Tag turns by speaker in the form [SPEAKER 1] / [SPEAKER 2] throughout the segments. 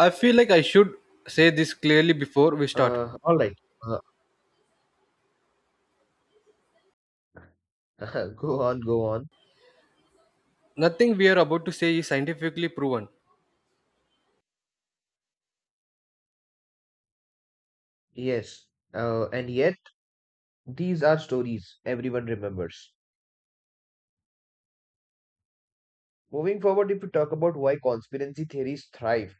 [SPEAKER 1] I feel like I should say this clearly before we start.
[SPEAKER 2] All right. Uh, go on.
[SPEAKER 1] Nothing we are about to say is scientifically proven.
[SPEAKER 2] Yes. And yet, these are stories everyone remembers. Moving forward, if we talk about why conspiracy theories thrive,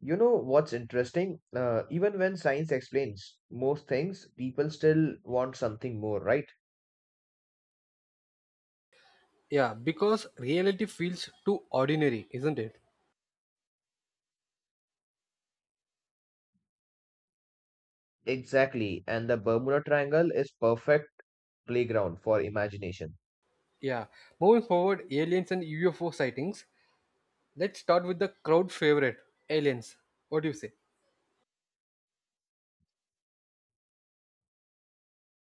[SPEAKER 2] you know what's interesting? Even when science explains most things, people still want something more, right?
[SPEAKER 1] Yeah, because reality feels too ordinary, isn't it?
[SPEAKER 2] Exactly. And the Bermuda Triangle is perfect playground for imagination.
[SPEAKER 1] Yeah. Moving forward, aliens and UFO sightings. Let's start with the crowd favorite, aliens. What do you say?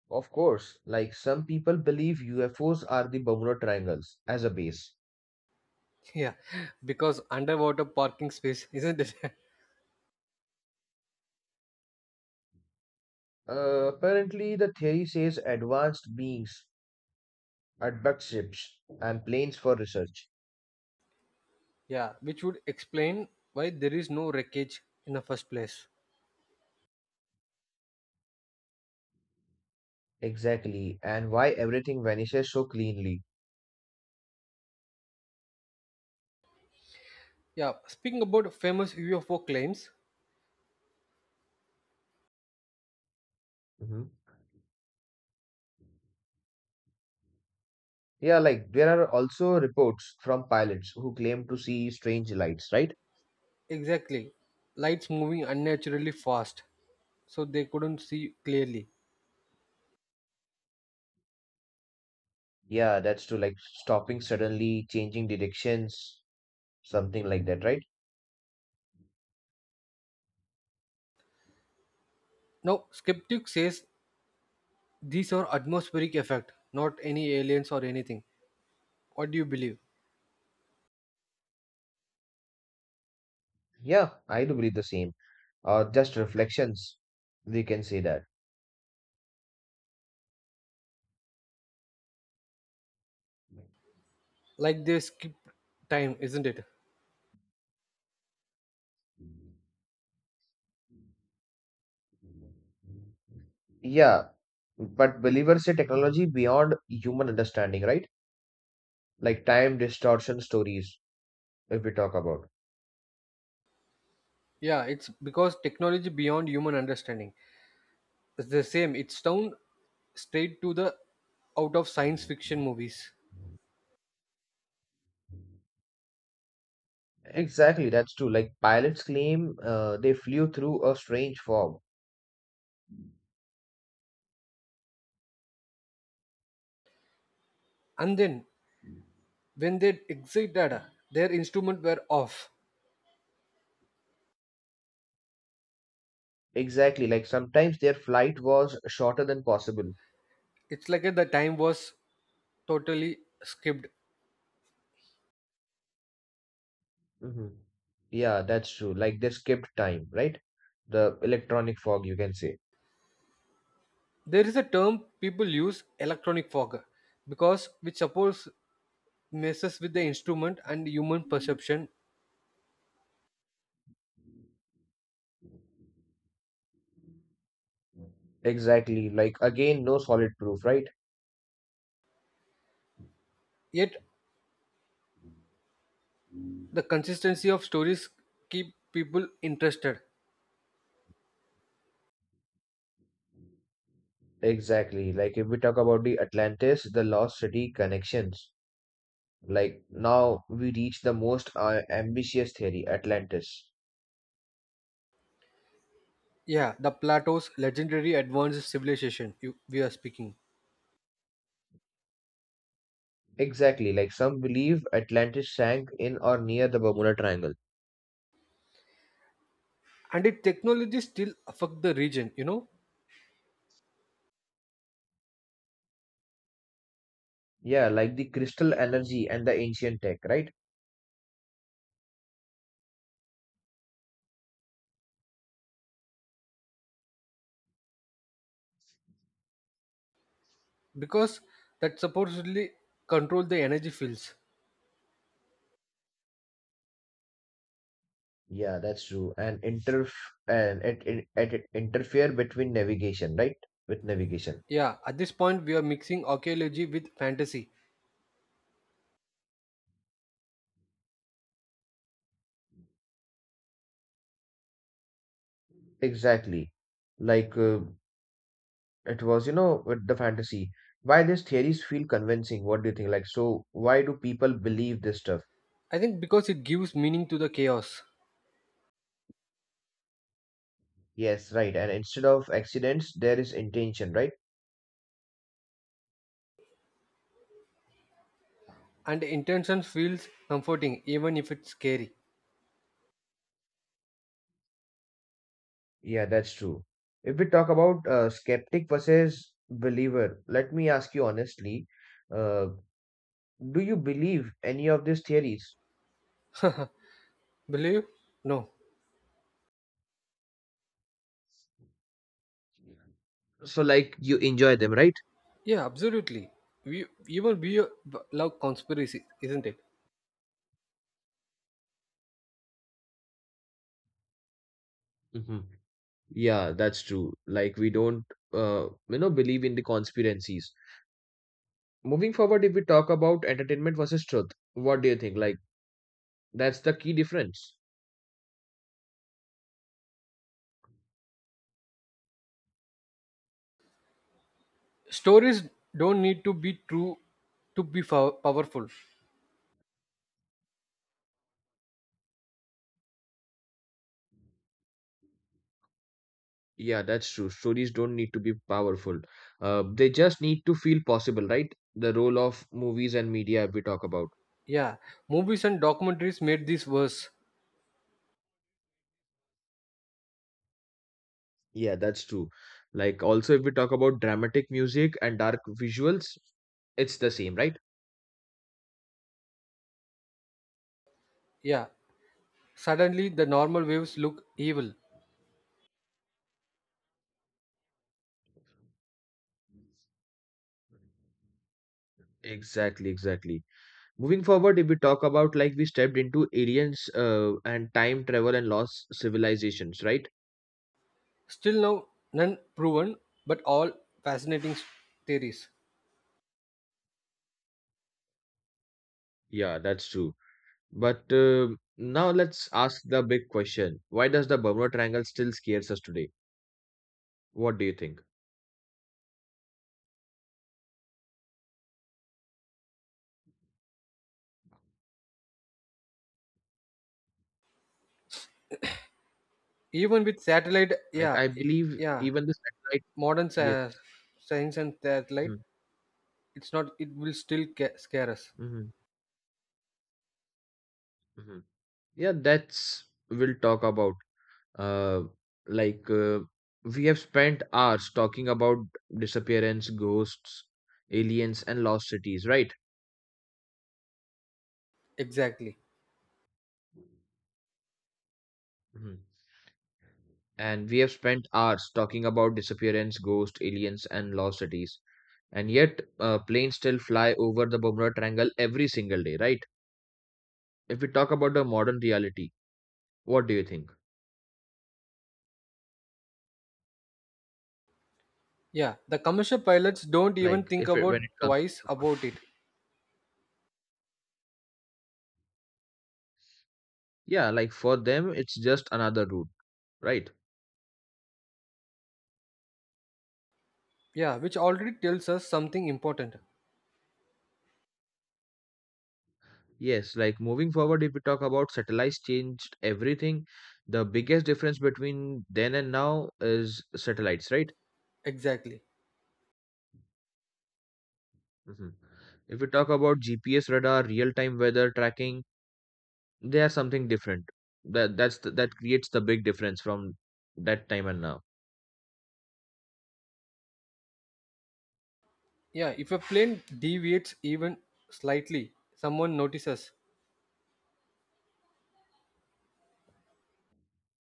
[SPEAKER 2] Of course, like some people believe UFOs are the Bermuda Triangles as a base.
[SPEAKER 1] Yeah, because underwater parking space, isn't it?
[SPEAKER 2] Apparently, the theory says advanced beings at bug ships and planes for research.
[SPEAKER 1] Yeah, which would explain why there is no wreckage in the first place.
[SPEAKER 2] Exactly, and why everything vanishes so cleanly.
[SPEAKER 1] Yeah, speaking about famous UFO claims,
[SPEAKER 2] Mhm. Yeah, like there are also reports from pilots who claim to see strange lights, right?
[SPEAKER 1] exactly. Lights moving unnaturally fast, so they couldn't see clearly.
[SPEAKER 2] Yeah, that's to like stopping suddenly, changing directions, something like that, right?
[SPEAKER 1] Now, skeptic says these are atmospheric effect, not any aliens or anything. What do you believe?
[SPEAKER 2] Yeah, I do believe the same. Or just reflections, we can say that.
[SPEAKER 1] Like they skip time, isn't it?
[SPEAKER 2] Yeah, but believers say technology beyond human understanding, right? Like time distortion stories if we talk about,
[SPEAKER 1] Yeah, it's because technology beyond human understanding. It's the same. It's down straight to the out of science fiction movies.
[SPEAKER 2] exactly, that's true, like pilots claim they flew through a strange fog.
[SPEAKER 1] And then when they exit data, their instrument were off.
[SPEAKER 2] Exactly, like sometimes their flight was shorter than possible.
[SPEAKER 1] It's like the time was totally skipped.
[SPEAKER 2] Hmm. Yeah, that's true, like they skipped time, right? The electronic fog, you can say.
[SPEAKER 1] There is a term people use, electronic fog, because which suppose messes with the instrument and human perception,
[SPEAKER 2] Exactly, like again, no solid proof, right?
[SPEAKER 1] yet the consistency of stories keep people interested.
[SPEAKER 2] Exactly, like if we talk about the Atlantis, the lost city connections. Like now we reach the most ambitious theory, Atlantis.
[SPEAKER 1] Yeah, the Plato's legendary advanced civilization you, we are speaking.
[SPEAKER 2] Exactly, like some believe Atlantis sank in or near the Bermuda Triangle.
[SPEAKER 1] And its technology still affect the region, you know,
[SPEAKER 2] Yeah, like the crystal energy and the ancient tech, right?
[SPEAKER 1] because that supposedly control the energy fields.
[SPEAKER 2] Yeah, that's true. And it interfere between navigation, right? With navigation.
[SPEAKER 1] Yeah, at this point we are mixing archaeology with fantasy.
[SPEAKER 2] Exactly. Like uh, it was, with the fantasy. Why these theories feel convincing? What do you think? Like, so why do people believe this stuff?
[SPEAKER 1] I think because it gives meaning to the chaos.
[SPEAKER 2] Yes, right. And instead of accidents, there is intention, right?
[SPEAKER 1] And the intention feels comforting even if it's scary.
[SPEAKER 2] Yeah, that's true. If we talk about skeptic versus believer, let me ask you honestly, uh, do you believe any of these theories?
[SPEAKER 1] Believe? No.
[SPEAKER 2] So, like, you enjoy them, right?
[SPEAKER 1] Yeah, absolutely. We even we love conspiracy, isn't it?
[SPEAKER 2] Hmm. Yeah, that's true. Like, we don't, believe in the conspiracies. Moving forward, if we talk about entertainment versus truth, what do you think? Like, that's the key difference.
[SPEAKER 1] Stories don't need to be true to be powerful.
[SPEAKER 2] Yeah, that's true. Stories don't need to be powerful. They just need to feel possible, right? The role of movies and media we talk about.
[SPEAKER 1] Yeah, movies and documentaries made this worse.
[SPEAKER 2] Yeah, that's true. Like also, if we talk about dramatic music and dark visuals, it's the same, right?
[SPEAKER 1] Yeah, suddenly the normal waves look evil.
[SPEAKER 2] Exactly, exactly. Moving forward, if we talk about, like, we stepped into aliens and time travel and lost civilizations, right?
[SPEAKER 1] Still now none proven, but all fascinating theories.
[SPEAKER 2] Yeah, that's true. But now let's ask the big question. Why does the Bermuda Triangle still scares us today? What do you think?
[SPEAKER 1] Even with satellite,
[SPEAKER 2] Like
[SPEAKER 1] yeah,
[SPEAKER 2] I believe
[SPEAKER 1] yeah,
[SPEAKER 2] even the satellite.
[SPEAKER 1] modern
[SPEAKER 2] Yes.
[SPEAKER 1] sci- science and satellite,
[SPEAKER 2] Mhm,
[SPEAKER 1] it's not. It will still scare us.
[SPEAKER 2] mhm, mhm. Yeah, that's we'll talk about. Uh, like uh, we have spent hours talking about disappearance, ghosts, aliens, and lost cities, right?
[SPEAKER 1] Exactly.
[SPEAKER 2] Mhm. And we have spent hours talking about disappearance, ghosts, aliens, and lost cities. And yet, planes still fly over the Bermuda Triangle every single day, right? If we talk about the modern reality, what do you think?
[SPEAKER 1] Yeah, the commercial pilots don't even
[SPEAKER 2] Like,
[SPEAKER 1] think
[SPEAKER 2] if it, when it
[SPEAKER 1] about
[SPEAKER 2] comes to
[SPEAKER 1] twice
[SPEAKER 2] the,
[SPEAKER 1] about it.
[SPEAKER 2] yeah, like for them, it's just another route, right?
[SPEAKER 1] Yeah, which already tells us something important.
[SPEAKER 2] Yes, like moving forward, if we talk about satellites changed everything, the biggest difference between then and now is satellites, right?
[SPEAKER 1] Exactly.
[SPEAKER 2] Mhm. If we talk about GPS radar, real-time weather tracking, they are something different. That creates the big difference from that time and now.
[SPEAKER 1] Yeah, if a plane deviates even slightly, someone notices.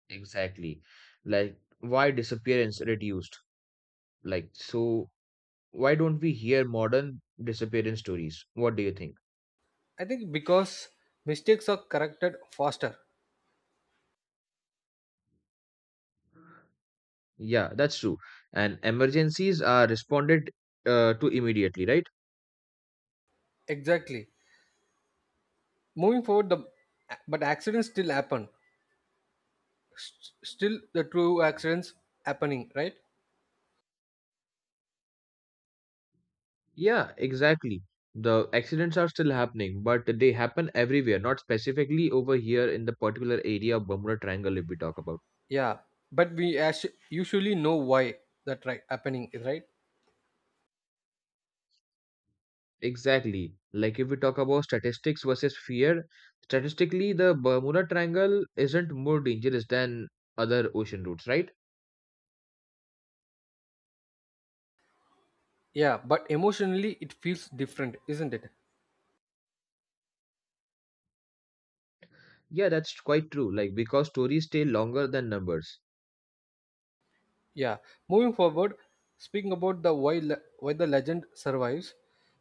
[SPEAKER 2] Exactly. Like why disappearance reduced? Like so, why don't we hear modern disappearance stories? What do you think?
[SPEAKER 1] I think because mistakes are corrected faster.
[SPEAKER 2] Yeah, that's true. And emergencies are responded to immediately, right?
[SPEAKER 1] Exactly. Moving forward, the but accidents still happen. Still, the true accidents happening, right?
[SPEAKER 2] Yeah, exactly. The accidents are still happening, but they happen everywhere, not specifically over here in the particular area of Bermuda Triangle, if we talk about.
[SPEAKER 1] Yeah, but we usually know why that right happening is right.
[SPEAKER 2] Exactly. Like if we talk about statistics versus fear, statistically, the Bermuda Triangle isn't more dangerous than other ocean routes, right?
[SPEAKER 1] Yeah, but emotionally it feels different, isn't it?
[SPEAKER 2] Yeah, that's quite true. Like because stories stay longer than numbers.
[SPEAKER 1] Yeah, moving forward, speaking about the why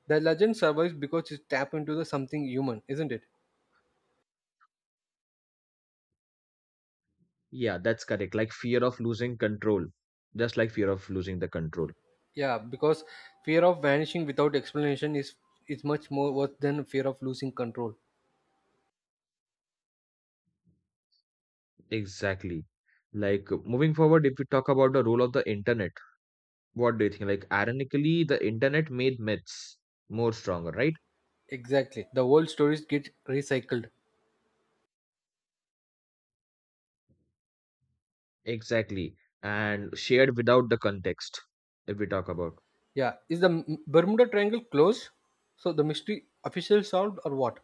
[SPEAKER 1] the legend survives because it tap into the something human, isn't it?
[SPEAKER 2] Yeah, that's correct. Like fear of losing control, just like fear of losing the control.
[SPEAKER 1] Yeah, because fear of vanishing without explanation is much more worse than fear of losing control.
[SPEAKER 2] Exactly. Like moving forward, if we talk about the role of the internet, what do you think? Like, ironically, the internet made myths more stronger, right?
[SPEAKER 1] Exactly, the old stories get recycled.
[SPEAKER 2] Exactly. And shared without the context, if we talk about.
[SPEAKER 1] Yeah, is the Bermuda Triangle closed? So the mystery officially solved or what?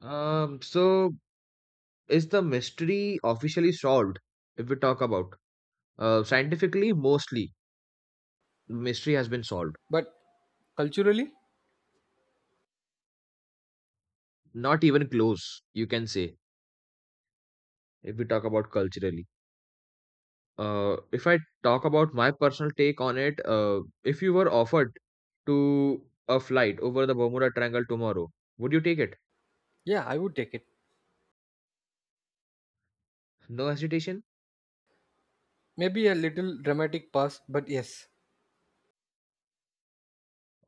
[SPEAKER 2] So, is the mystery officially solved? If we talk about, scientifically, mostly mystery has been solved.
[SPEAKER 1] But culturally,
[SPEAKER 2] Not even close, you can say, if we talk about culturally. If I talk about my personal take on it, if you were offered to a flight over the Bermuda Triangle tomorrow, would you take it?
[SPEAKER 1] yeah, I would take it.
[SPEAKER 2] No hesitation?
[SPEAKER 1] Maybe a little dramatic pass, but yes,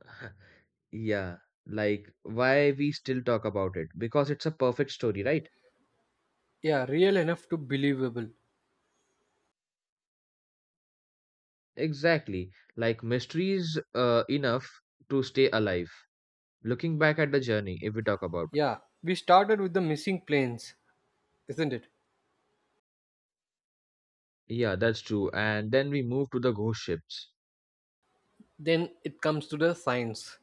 [SPEAKER 2] Yeah, like why we still talk about it? Because it's a perfect story, right?
[SPEAKER 1] yeah, real enough to believable.
[SPEAKER 2] Exactly. Like mysteries enough to stay alive. Looking back at the journey, if we talk about.
[SPEAKER 1] Yeah, we started with the missing planes, isn't it?
[SPEAKER 2] Yeah, that's true. And then we move to the ghost ships
[SPEAKER 1] Then it comes to the science.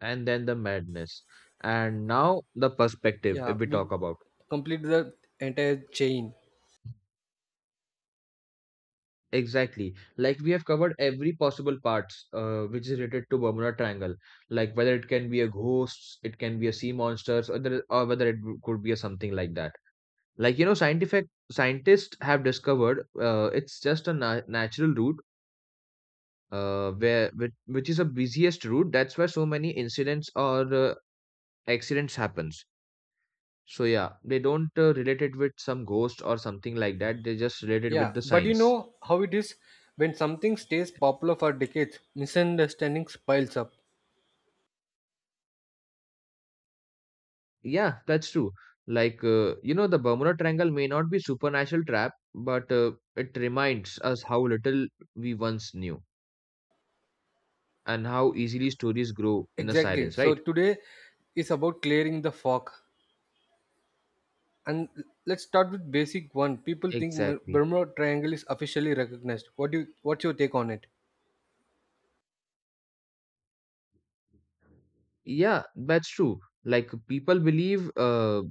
[SPEAKER 2] and then the madness. And now the perspective,
[SPEAKER 1] Yeah,
[SPEAKER 2] if we
[SPEAKER 1] we
[SPEAKER 2] talk about.
[SPEAKER 1] complete the entire chain.
[SPEAKER 2] Exactly. Like we have covered every possible parts which is related to Bermuda Triangle. Like whether it can be a ghost, it can be a sea monsters, or there, or whether could be a something like that. Like you know, scientific scientists have discovered it's just a na natural route, which is a busiest route. That's where so many incidents or accidents happens. So yeah, they don't relate it with some ghost or something like that. They just relate it with
[SPEAKER 1] Yeah,
[SPEAKER 2] the
[SPEAKER 1] but you
[SPEAKER 2] science.
[SPEAKER 1] know how it is when something stays popular for decades, misunderstandings piles up.
[SPEAKER 2] Yeah, that's true. Like, the Bermuda Triangle may not be supernatural trap, but it reminds us how little we once knew and how easily stories grow in the
[SPEAKER 1] Exactly.
[SPEAKER 2] silence,
[SPEAKER 1] So
[SPEAKER 2] right?
[SPEAKER 1] today is about clearing the fog. And let's start with basic one. People think
[SPEAKER 2] Exactly.
[SPEAKER 1] Bermuda Triangle is officially recognized. What do you, what's your take on it?
[SPEAKER 2] Yeah, that's true. Like people believe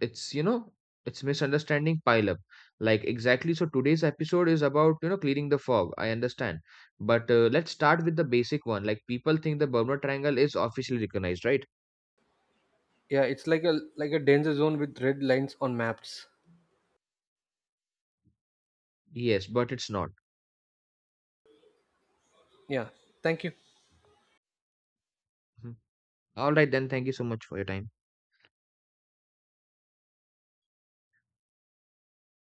[SPEAKER 2] it's, you know, it's misunderstanding pile up. Like exactly, so today's episode is about, you know, clearing the fog. I understand. But let's start with the basic one. Like people think the Bermuda Triangle is officially recognized, right?
[SPEAKER 1] Yeah, it's like a danger zone with red lines on maps.
[SPEAKER 2] Yes, but it's not.
[SPEAKER 1] Yeah. Thank you.
[SPEAKER 2] All right, then. Thank you so much for your time.